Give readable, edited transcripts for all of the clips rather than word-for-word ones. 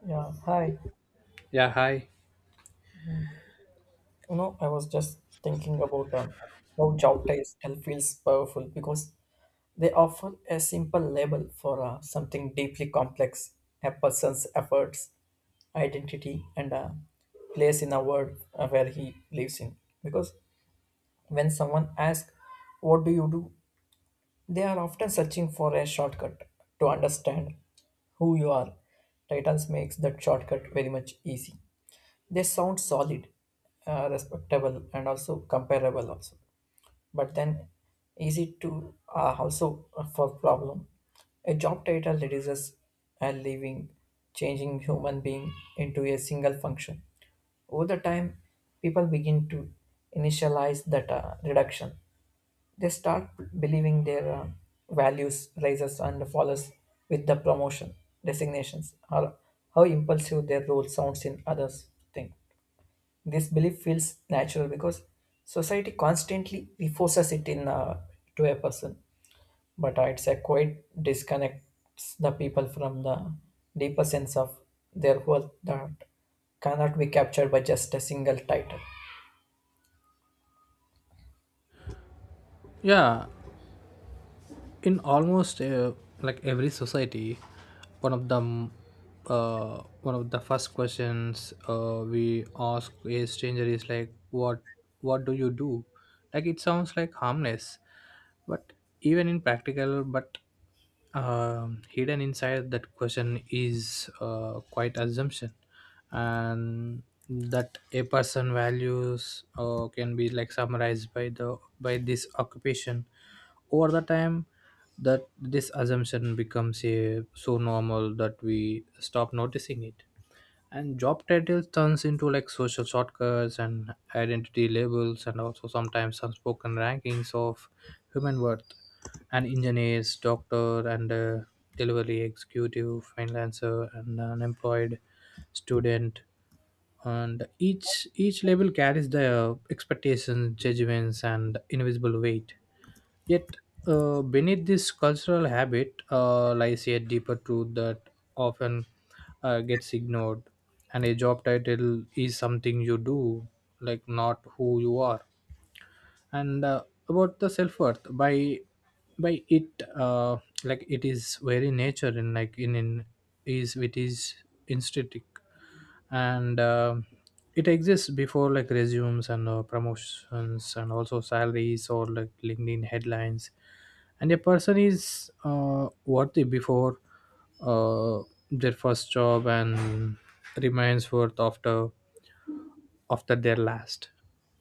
Yeah, hi. Yeah, hi. I was just thinking about how job titles feels powerful because they offer a simple label for something deeply complex, a person's efforts, identity, and place in a world where he lives in. Because when someone asks, "What do you do?" they are often searching for a shortcut to understand who you are. Titles makes that shortcut very much easy. They sound solid, respectable and also comparable also, but then easy to, also for problem, a job title reduces a living changing human being into a single function. Over the time people begin to initialize that reduction. They start believing their values rises and follows with the promotion designations or how impulsive their role sounds in others think. This belief feels natural because society constantly reinforces it in, to a person. But it's a quite disconnects the people from the deeper sense of their worth that cannot be captured by just a single title. Yeah, in almost like every society, one of one of the first questions we ask a stranger is like, what do you do. Like, it sounds like harmless, but even in practical. But hidden inside that question is quite assumption, and that a person values can be like summarized by the by this occupation over the time, that this assumption becomes so normal that we stop noticing it, and job titles turns into like social shortcuts and identity labels, and also sometimes unspoken rankings of human worth. An engineers, doctor, and delivery executive, freelancer, and unemployed, student, and each label carries the expectations, judgments, and invisible weight. Yet, beneath this cultural habit lies a deeper truth that often gets ignored. And a job title is something you do, like not who you are, and about the self-worth by it like it is very nature in like in is instinctive, and it exists before like resumes and promotions, and also salaries or like LinkedIn headlines. And a person is worthy before uh, their first job, and remains worth after their last.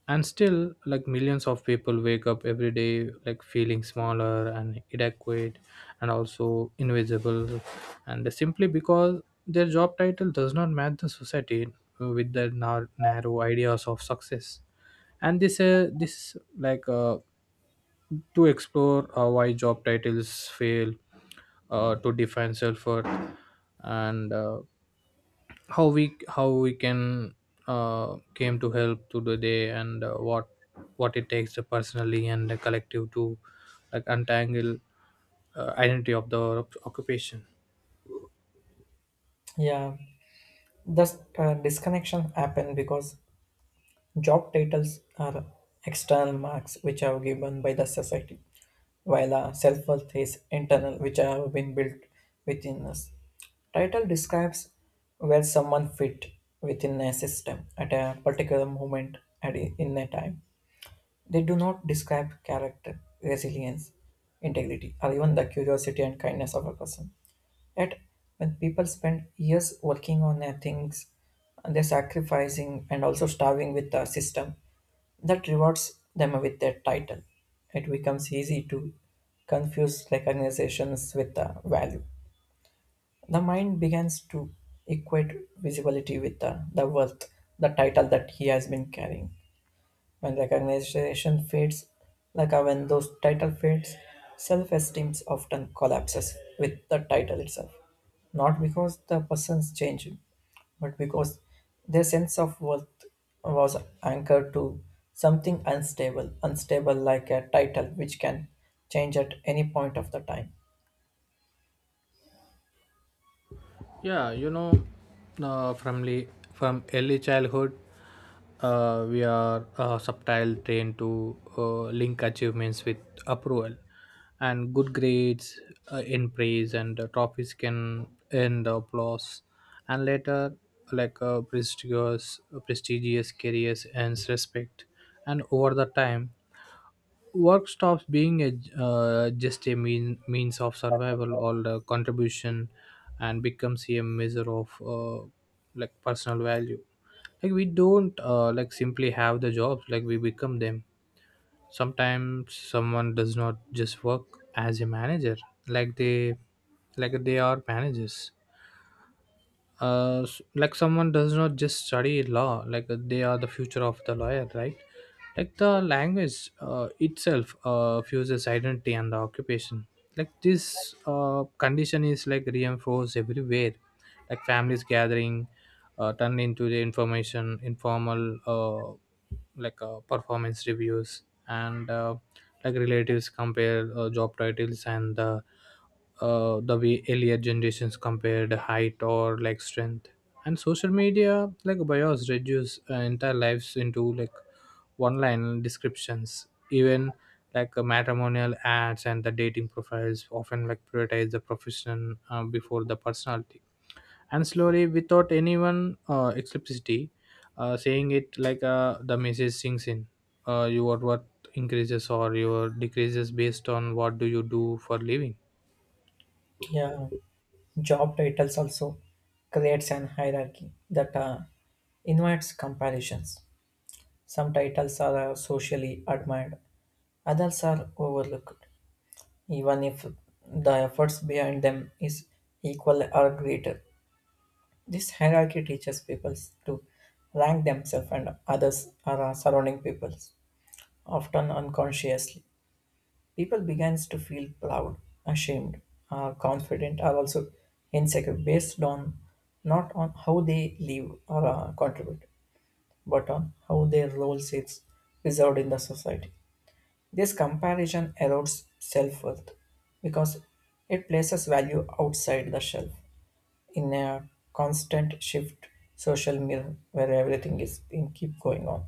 And still, like millions of people wake up every day like feeling smaller and inadequate, and also invisible, and simply because their job title does not match the society with their narrow ideas of success. And this this like to explore why job titles fail to define self-worth, and how we can came to help to the day, and what it takes the personally and the collective to like untangle identity of the occupation. Yeah, thus disconnection happen because job titles are external marks which are given by the society, while a self worth is internal, which have been built within us. Title describes where someone fit within a system at a particular moment at in a time. They do not describe character, resilience, integrity, or even the curiosity and kindness of a person. Yet, when people spend years working on their things, and they're sacrificing and also starving with the system that rewards them with their title. It becomes easy to confuse recognitions with the value. The mind begins to equate visibility with the worth, the title that he has been carrying. When recognition fades, like when those title fades, self-esteem often collapses with the title itself. Not because the person's changed, but because their sense of worth was anchored to something unstable, unstable like a title which can change at any point of the time. Yeah, you know, from le- from early childhood, we are subtile trained to link achievements with approval, and good grades in praise and trophies can earn the applause, and later, like prestigious careers earns respect. And over the time, work stops being a just a mean means of survival or the contribution, and becomes a measure of like personal value. Like, we don't like simply have the jobs, like we become them. Sometimes someone does not just work as a manager, like they are managers. Like someone does not just study law, like they are the future of the lawyer, right? Like the language itself fuses identity and the occupation. Like, this condition is like reinforced everywhere. Like, families gathering turned into the information informal performance reviews. And like relatives compare job titles, and the way earlier generations compared height or like strength. And social media like bios reduce entire lives into like one line descriptions. Even like matrimonial ads and the dating profiles often like prioritize the profession before the personality. And slowly, without anyone explicitly saying it, like the message sinks in. Your worth increases or your decreases based on what do you do for living. Yeah, job titles also creates an hierarchy that invites comparisons. Some titles are socially admired, others are overlooked, even if the efforts behind them is equal or greater. This hierarchy teaches people to rank themselves and others or surrounding peoples, often unconsciously. People begins to feel proud, ashamed, confident, or also insecure based on not on how they live or contribute, but on how their role is preserved in the society. This comparison erodes self worth because it places value outside the shelf in a constant shift social mirror where everything is in keep going on.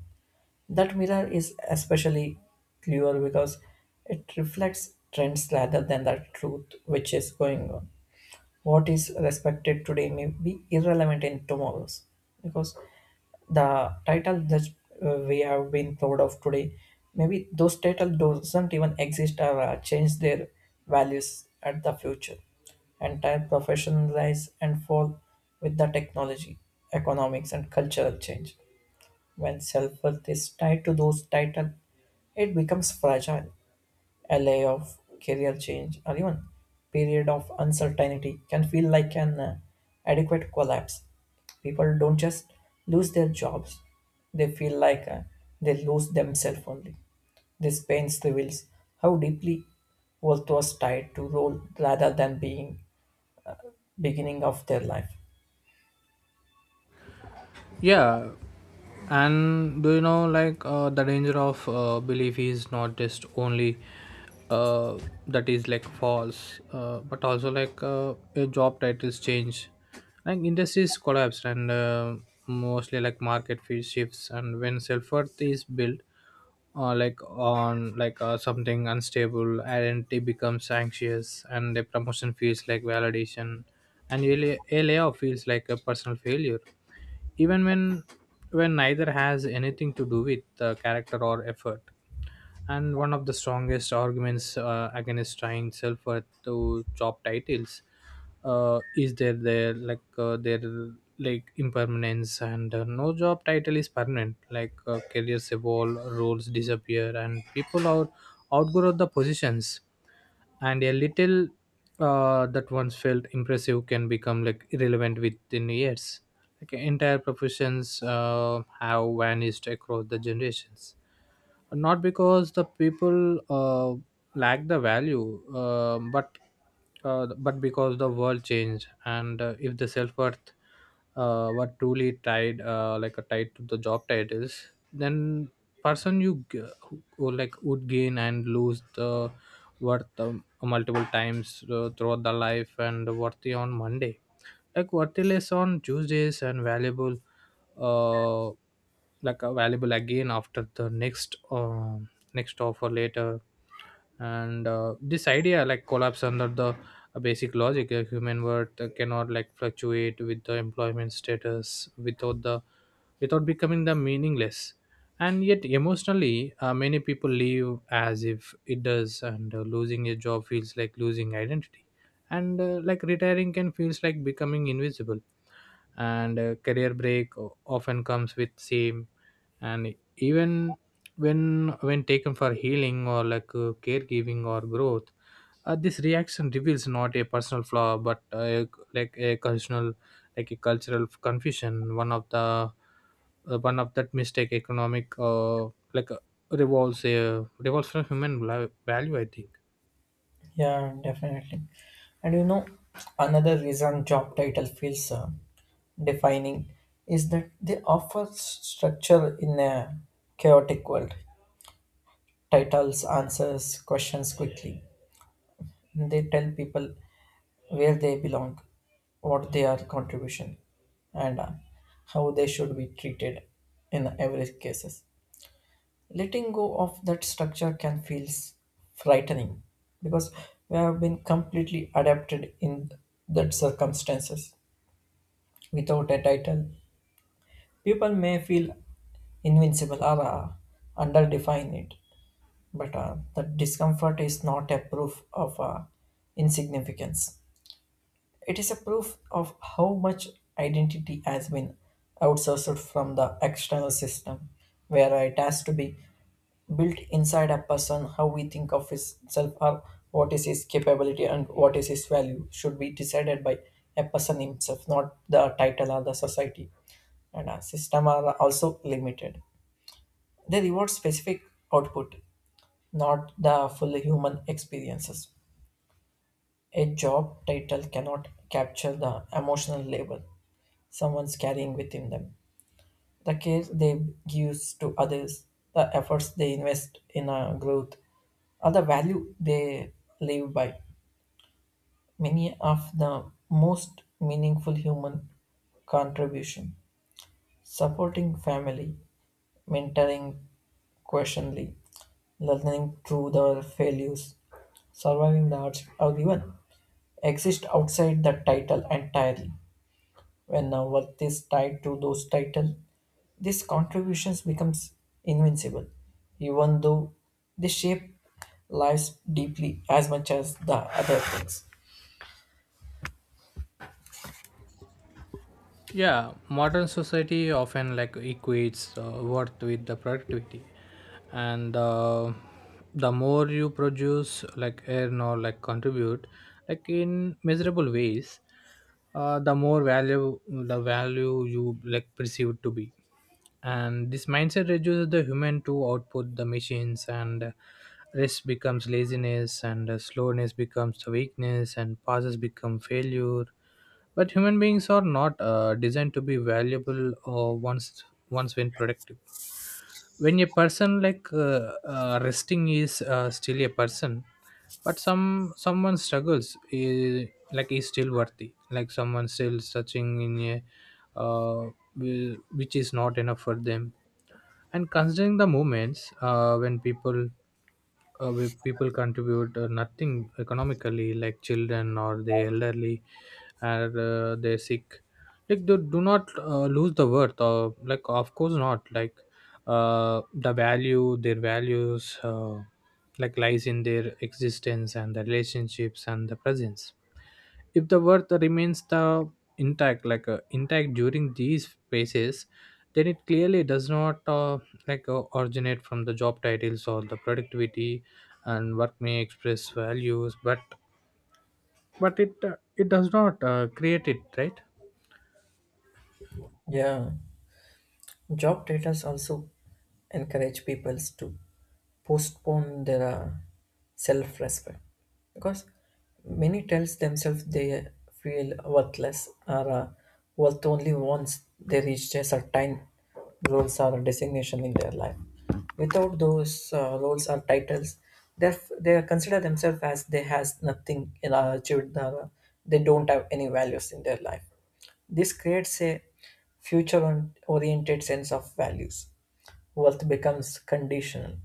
That mirror is especially clear because it reflects trends rather than the truth which is going on. What is respected today may be irrelevant in tomorrow's because the title that we have been proud of today, maybe those title doesn't even exist or change their values at the future. Entire profession rise and fall with the technology, economics and cultural change. When self-worth is tied to those title, it becomes fragile. A layoff, career change, or even period of uncertainty can feel like an adequate collapse. People don't just lose their jobs; they feel like they lose themselves only. This pain reveals how deeply worth was tied to role rather than being beginning of their life. Yeah, and do you know like the danger of belief is not just only uh, that is like false, but also like a job titles change, like industries collapse, and mostly like market fees shifts. And when self-worth is built like on something unstable, identity becomes anxious, and the promotion feels like validation, and a layoff feels like a personal failure, even when neither has anything to do with the character or effort. And one of the strongest arguments against trying self-worth to job titles is there their like impermanence. And no job title is permanent, like careers evolve, roles disappear, and people are outgrow the positions. And a little that once felt impressive can become like irrelevant within years. Like, entire professions have vanished across the generations. Not because the people lack the value, but because the world changed. And if the self worth were truly tied, like a tied to the job titles, then person you g- like would gain and lose the worth multiple times throughout the life, and worthy on Monday, like what is on Tuesdays, and valuable, uh valuable again after the next next offer later. And this idea like collapse under the basic logic. A human worth cannot like fluctuate with the employment status without the without becoming the meaningless. And yet emotionally many people live as if it does. And losing a job feels like losing identity, and like retiring can feels like becoming invisible, and career break often comes with shame, and even when taken for healing, or like caregiving, or growth. This reaction reveals not a personal flaw, but like a cultural like a cultural confusion. One of the one of that mistake economic like uh, revolves from human value, I think. Yeah, definitely. And you know, another reason job title feels defining is that they offer structure in a chaotic world. Titles answers questions quickly. They tell people where they belong, what their contribution, and how they should be treated in every cases. Letting go of that structure can feel frightening because we have been completely adapted in that circumstances. Without a title, people may feel invincible or underdefine it, but the discomfort is not a proof of insignificance. It is a proof of how much identity has been outsourced from the external system, where it has to be built inside a person, how we think of his self or what is his capability and what is his value should be decided by a person himself, not the title or the society. And a system are also limited. They reward specific output, not the full human experiences. A job title cannot capture the emotional label someone's carrying within them, the care they give to others, the efforts they invest in a growth, or the value they live by. Many of the most meaningful human contribution, supporting family, mentoring, questionly, learning through the failures, surviving the hardship, or even exist outside the title entirely. When our worth is tied to those titles, these contributions becomes invincible, even though they shape lives deeply as much as the other things. Yeah, modern society often like equates worth with the productivity. And the more you produce, like earn or like contribute, like in miserable ways, the more value the value you like perceived to be. And this mindset reduces the human to output the machines. And rest becomes laziness, and slowness becomes the weakness, and pauses become failure. But human beings are not designed to be valuable or once when productive. When a person resting is still a person. But someone struggles, eh, like is still worthy, like someone still searching in a uh, which is not enough for them. And considering the moments when people where people contribute nothing economically, like children or the elderly, or they're sick, like they do not lose the worth, or like of course not, like their values like lies in their existence, and the relationships, and the presence. If the worth remains the intact, during these phases, then it clearly does not originate from the job titles or the productivity. And work may express values, but it it does not create it, right? Yeah. Job titles also encourage people to postpone their self-respect because many tells themselves they feel worthless or worth only once they reach a certain roles or designation in their life. Without those roles or titles, they they consider themselves as they has nothing achieved. Or, they don't have any values in their life. This creates a future oriented sense of values. Wealth becomes conditional.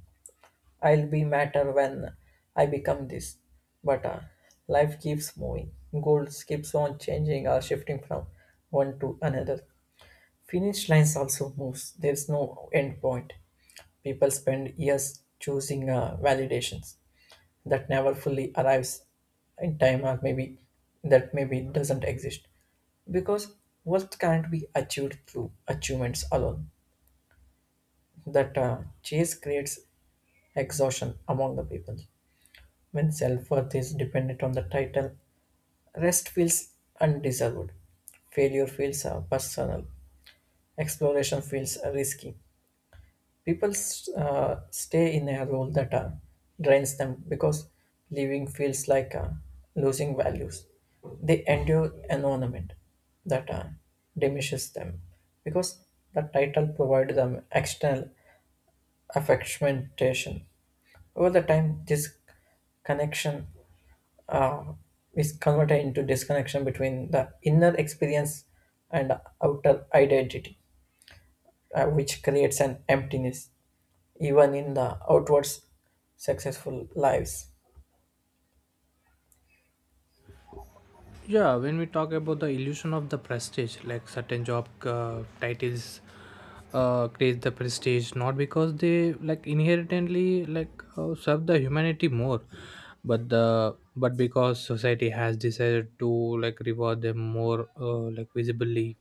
I'll be matter when I become this. But life keeps moving. Goals keeps on changing or shifting from one to another. Finish lines also moves. There's no end point. People spend years choosing validations that never fully arrives in time or maybe that maybe doesn't exist because what can't be achieved through achievements alone, that chase creates exhaustion among the people. When self worth is dependent on the title, rest feels undeserved. Failure feels personal. Exploration feels risky. People stay in a role that drains them because living feels like losing values. They endure environment that diminishes them because the title provides them external affectation. Over the time, this connection uh, is converted into disconnection between the inner experience and outer identity, which creates an emptiness even in the outward successful lives. Yeah, when we talk about the illusion of the prestige, like certain job titles create the prestige, not because they like inherently like serve the humanity more, but the but because society has decided to like reward them more like visibly.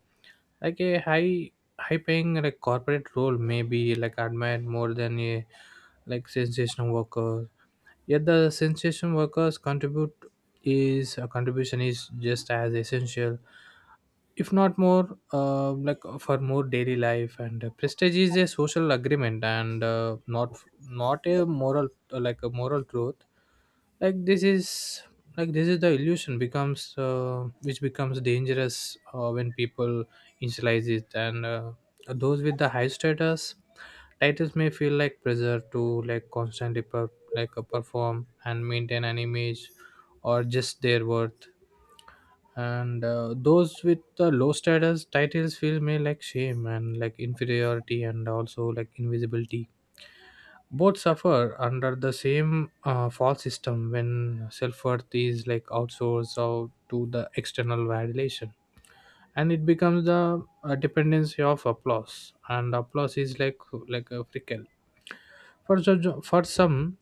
Like a high paying like corporate role may be like admired more than a like sensational worker. Yet the sensation workers contribute is a contribution is just as essential, if not more, for more daily life. And prestige is a social agreement, and not a moral, a moral truth. Like this is this is the illusion becomes which becomes dangerous when people initialize it. And those with the high status titles may feel like pressure to like constantly perform and maintain an image, or just their worth. And those with the low status titles feel me like shame, and like inferiority, and also like invisibility. Both suffer under the same false system when self-worth is like outsourced out to the external validation, and it becomes the dependency of applause, and applause is like a fickle. For so, for some,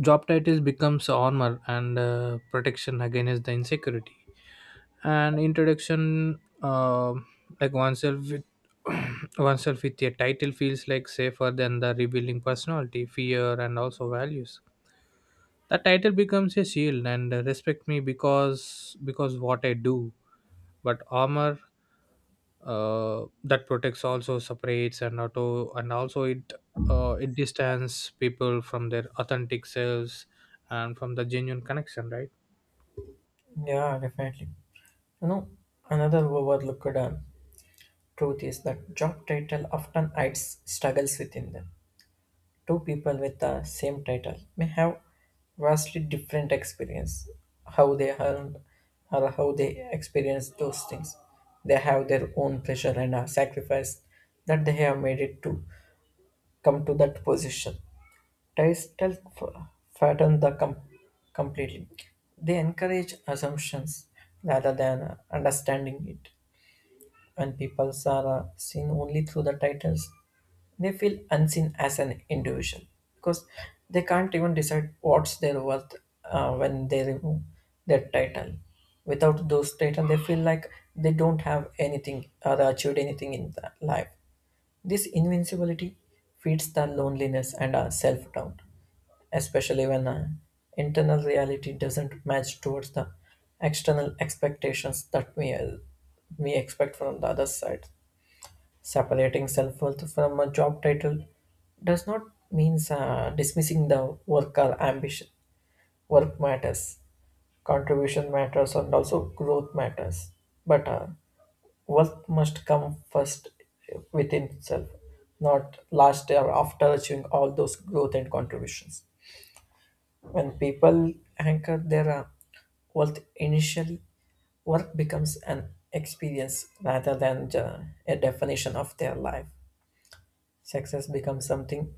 job titles becomes armor and protection against the insecurity. And introduction, like oneself with oneself with a title feels like safer than the revealing personality, fear, and also values. The title becomes a shield, and respect me because what I do. But armor that protects also separates and auto and also it it distance people from their authentic selves and from the genuine connection, right? Yeah, definitely. You know, another overlooked truth is that job title often hides struggles within them. Two people with the same title may have vastly different experience, how they earned or how they experience those things. They have their own pressure and a sacrifice that they have made it to come to that position. Title fatten completely. They encourage assumptions rather than understanding it. When people are seen only through the titles, they feel unseen as an individual because they can't even decide what's their worth when they remove their title. Without those title, they feel like they don't have anything or achieved anything in the life. This invincibility feeds the loneliness and our self doubt, especially when our internal reality doesn't match towards the external expectations that we expect from the other side. Separating self worth from a job title does not mean dismissing the work or ambition. Work matters, contribution matters, and also growth matters. But worth must come first within itself, not last or after achieving all those growth and contributions. When people anchor their worth initially, work becomes an experience rather than a definition of their life. Success becomes something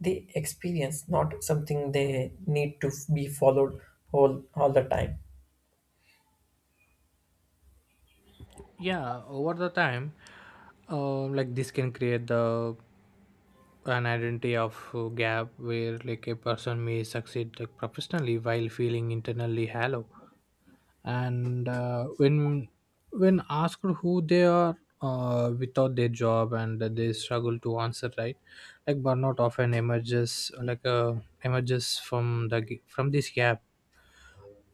they experience, not something they need to be followed all the time. Yeah, over the time like this can create the an identity of gap where like a person may succeed like professionally while feeling internally hollow and when asked who they are without their job and they struggle to answer, right? Like burnout often emerges emerges from the from this gap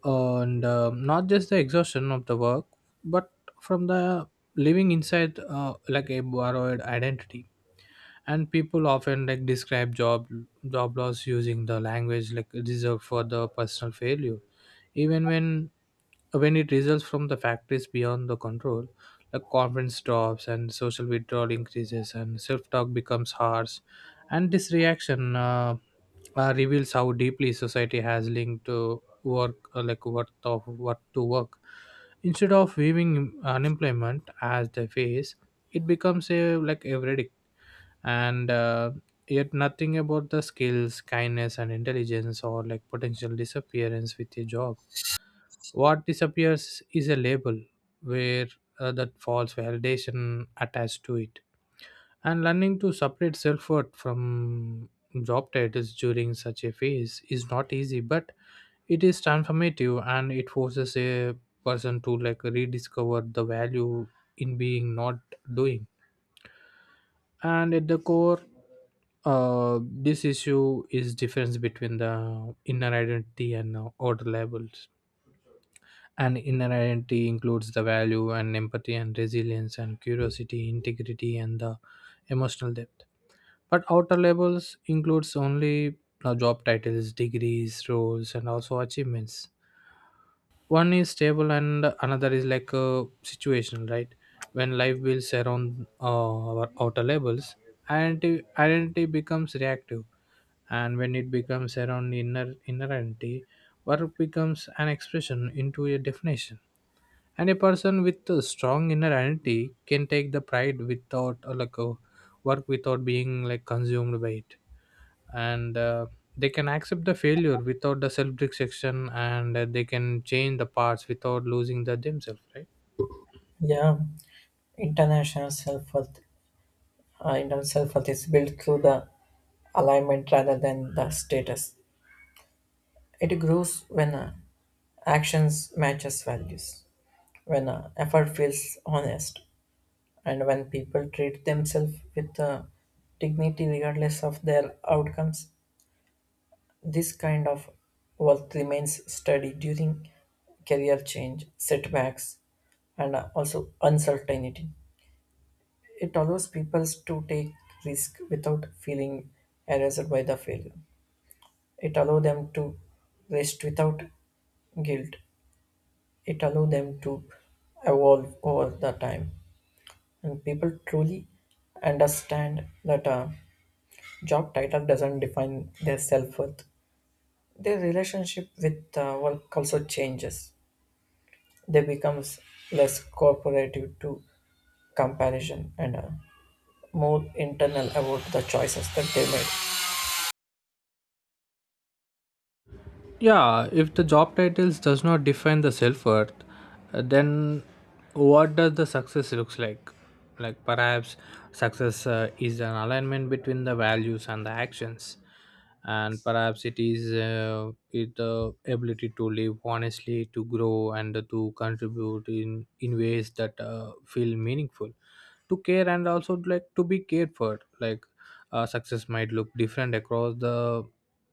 and not just the exhaustion of the work but from the living inside like a borrowed identity. And people often like describe job loss using the language like reserved for the personal failure, even when it results from the factors beyond the control. Like confidence drops and social withdrawal increases and self-talk becomes harsh, and this reaction reveals how deeply society has linked to work like worth of what to work instead of viewing unemployment as the phase. It becomes a like everyday, and yet nothing about the skills kindness and intelligence or like potential disappearance with a job. What disappears is a label where that false validation attached to it. And learning to separate self-worth from job titles during such a phase is not easy, but it is transformative, and it forces a person to like rediscover the value in being, not doing. And at the core, this issue is difference between the inner identity and outer labels. And inner identity includes the value and empathy and resilience and curiosity integrity and the emotional depth, but outer labels includes only job titles degrees roles and also achievements. One is stable and another is like a situational, right? When life builds around our outer labels, identity becomes reactive, and when it becomes around inner identity, work becomes an expression into a definition. And a person with a strong inner identity can take the pride without like a work without being like consumed by it, and they can accept the failure without the self-destruction, and they can change the parts without losing the themselves, right? Yeah, international self worth, internal self worth is built through the alignment rather than the status. It grows when actions matches values, when effort feels honest, and when people treat themselves with dignity regardless of their outcomes. This kind of worth remains steady during career change, setbacks, and also uncertainty. It allows people to take risk without feeling harassed by the failure. It allows them to rest without guilt. It allows them to evolve over the time. And people truly understand that a job title doesn't define their self-worth. Their relationship with work also changes. They becomes less cooperative to comparison and more internal about the choices that they make. Yeah, if the job titles does not define the self-worth, then what does the success looks like? Like perhaps success is an alignment between the values and the actions, and perhaps it is it the ability to live honestly, to grow, and to contribute in ways that feel meaningful, to care and also like to be cared for. Like success might look different across the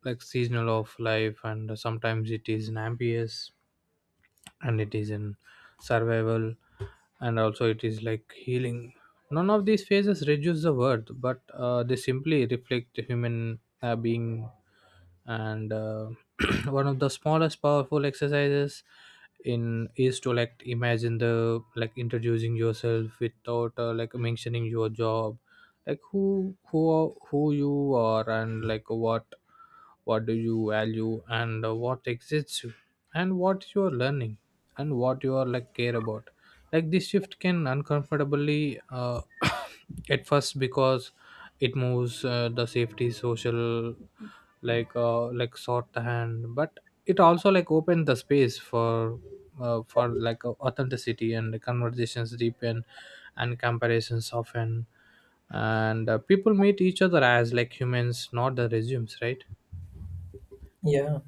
like seasonal of life, and sometimes it is in ambitious and it is in survival and also it is like healing. None of these phases reduce the worth, but they simply reflect the human being. And one of the smallest powerful exercises in is to like imagine the like introducing yourself without like mentioning your job. Like who you are and like what do you value, and what excites you and what you are learning and what you are like care about. Like this shift can uncomfortably at first, because it moves the safety social sort the hand, but it also like opened the space for authenticity and the conversations deepen and comparisons often. And people meet each other as like humans, not the resumes, right? Yeah.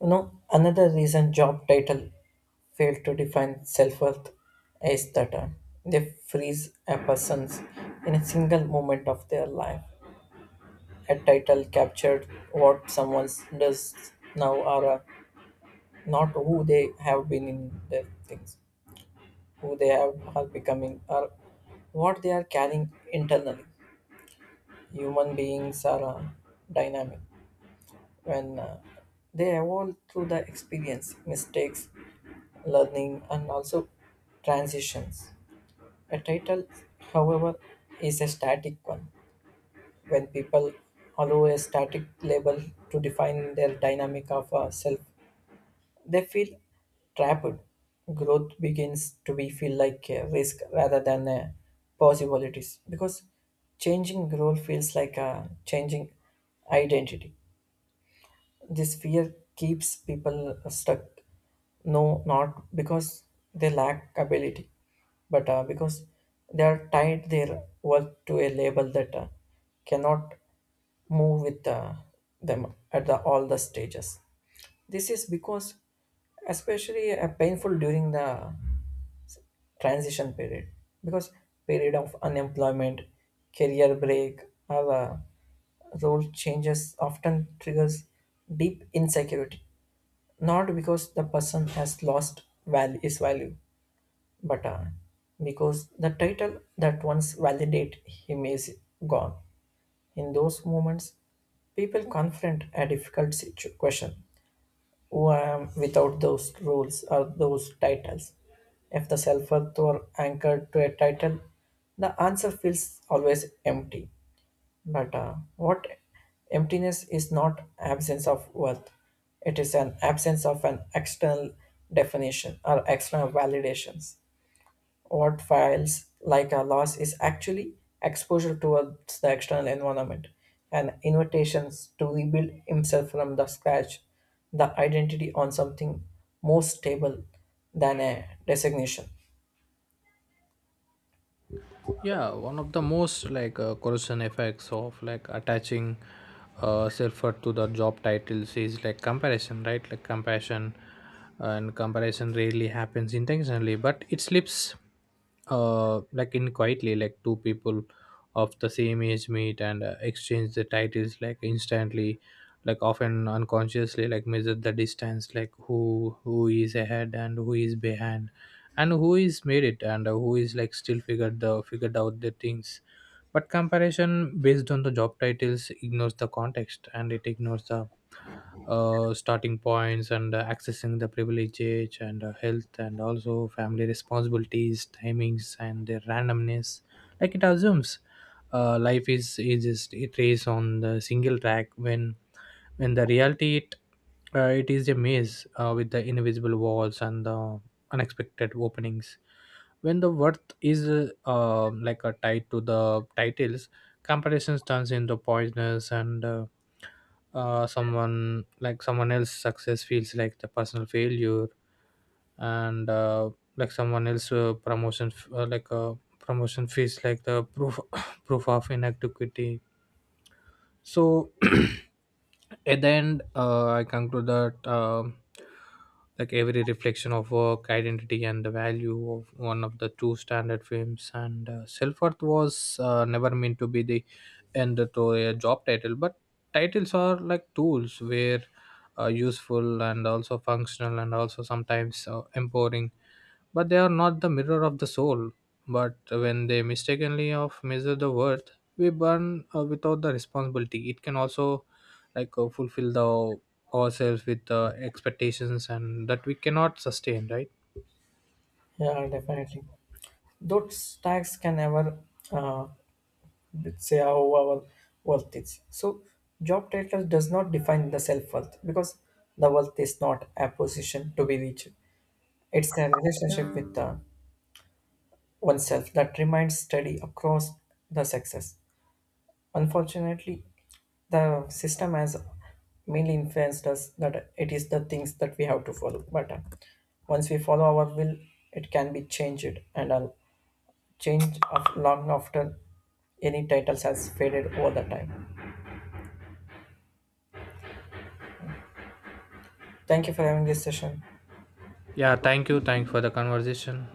You know, another reason job title fail to define self-worth is that they freeze a person's in a single moment of their life. A title captured what someone does now or not who they have been in their things, who they have are becoming or what they are carrying internally. Human beings are dynamic when they evolve through the experience, mistakes, learning, and also transitions. A title, however, is a static one. When people allow a static label to define their dynamic of a self, they feel trapped. Growth begins to be feel like a risk rather than a possibilities because changing role feels like a changing identity. This fear keeps people stuck. No, not because they lack ability, but because they are tied their work to a label that cannot move with them at all the stages. This is because, especially painful during the transition period because period of unemployment, career break or role changes often triggers deep insecurity, not because the person has lost value his value, but because the title that once validate him is gone. In those moments people confront a difficult question, who I am without those rules or those titles. If the self worth were anchored to a title, the answer feels always empty. But what emptiness is not absence of worth, it is an absence of an external definition or external validations. What files like a loss is actually exposure towards the external environment and invitations to rebuild himself from the scratch, the identity on something more stable than a designation. Yeah, one of the most corrosion effects of like attaching self-worth to the job titles is like comparison, right? Like compassion and comparison rarely happens intentionally, but it slips like in quietly. Like two people of the same age meet and exchange the titles like instantly, like often unconsciously like measure the distance. Like who is ahead and who is behind and who is made it and who is like still figured out the things. But comparison based on the job titles ignores the context, and it ignores the starting points and accessing the privilege age, and health and also family responsibilities timings and their randomness. Like it assumes life is just it race on the single track, when the reality it, it is a maze with the invisible walls and the unexpected openings. When the worth is like a tied to the titles, comparisons turns into poisonous, and someone like someone else's success feels like the personal failure. And like someone else promotion feels like the proof proof of inadequacy. So at the end I conclude that like every reflection of work identity and the value of one of the two standard films, and self-worth was never meant to be the end to a job title. But titles are like tools where useful and also functional and also sometimes empowering, but they are not the mirror of the soul. But when they mistakenly of measure the worth, we burn without the responsibility. It can also like fulfill the ourselves with expectations and that we cannot sustain, right? Yeah, definitely. Those tags can never uh, say how our worth is. So job title does not define the self-worth because the worth is not a position to be reached, it's a relationship with the oneself that remains steady across the sexes. Unfortunately, the system has mainly influenced us that it is the things that we have to follow. But once we follow our will, it can be changed, and a change of long after any titles has faded over the time. Thank you for having this session. Yeah, thank you. Thank for the conversation.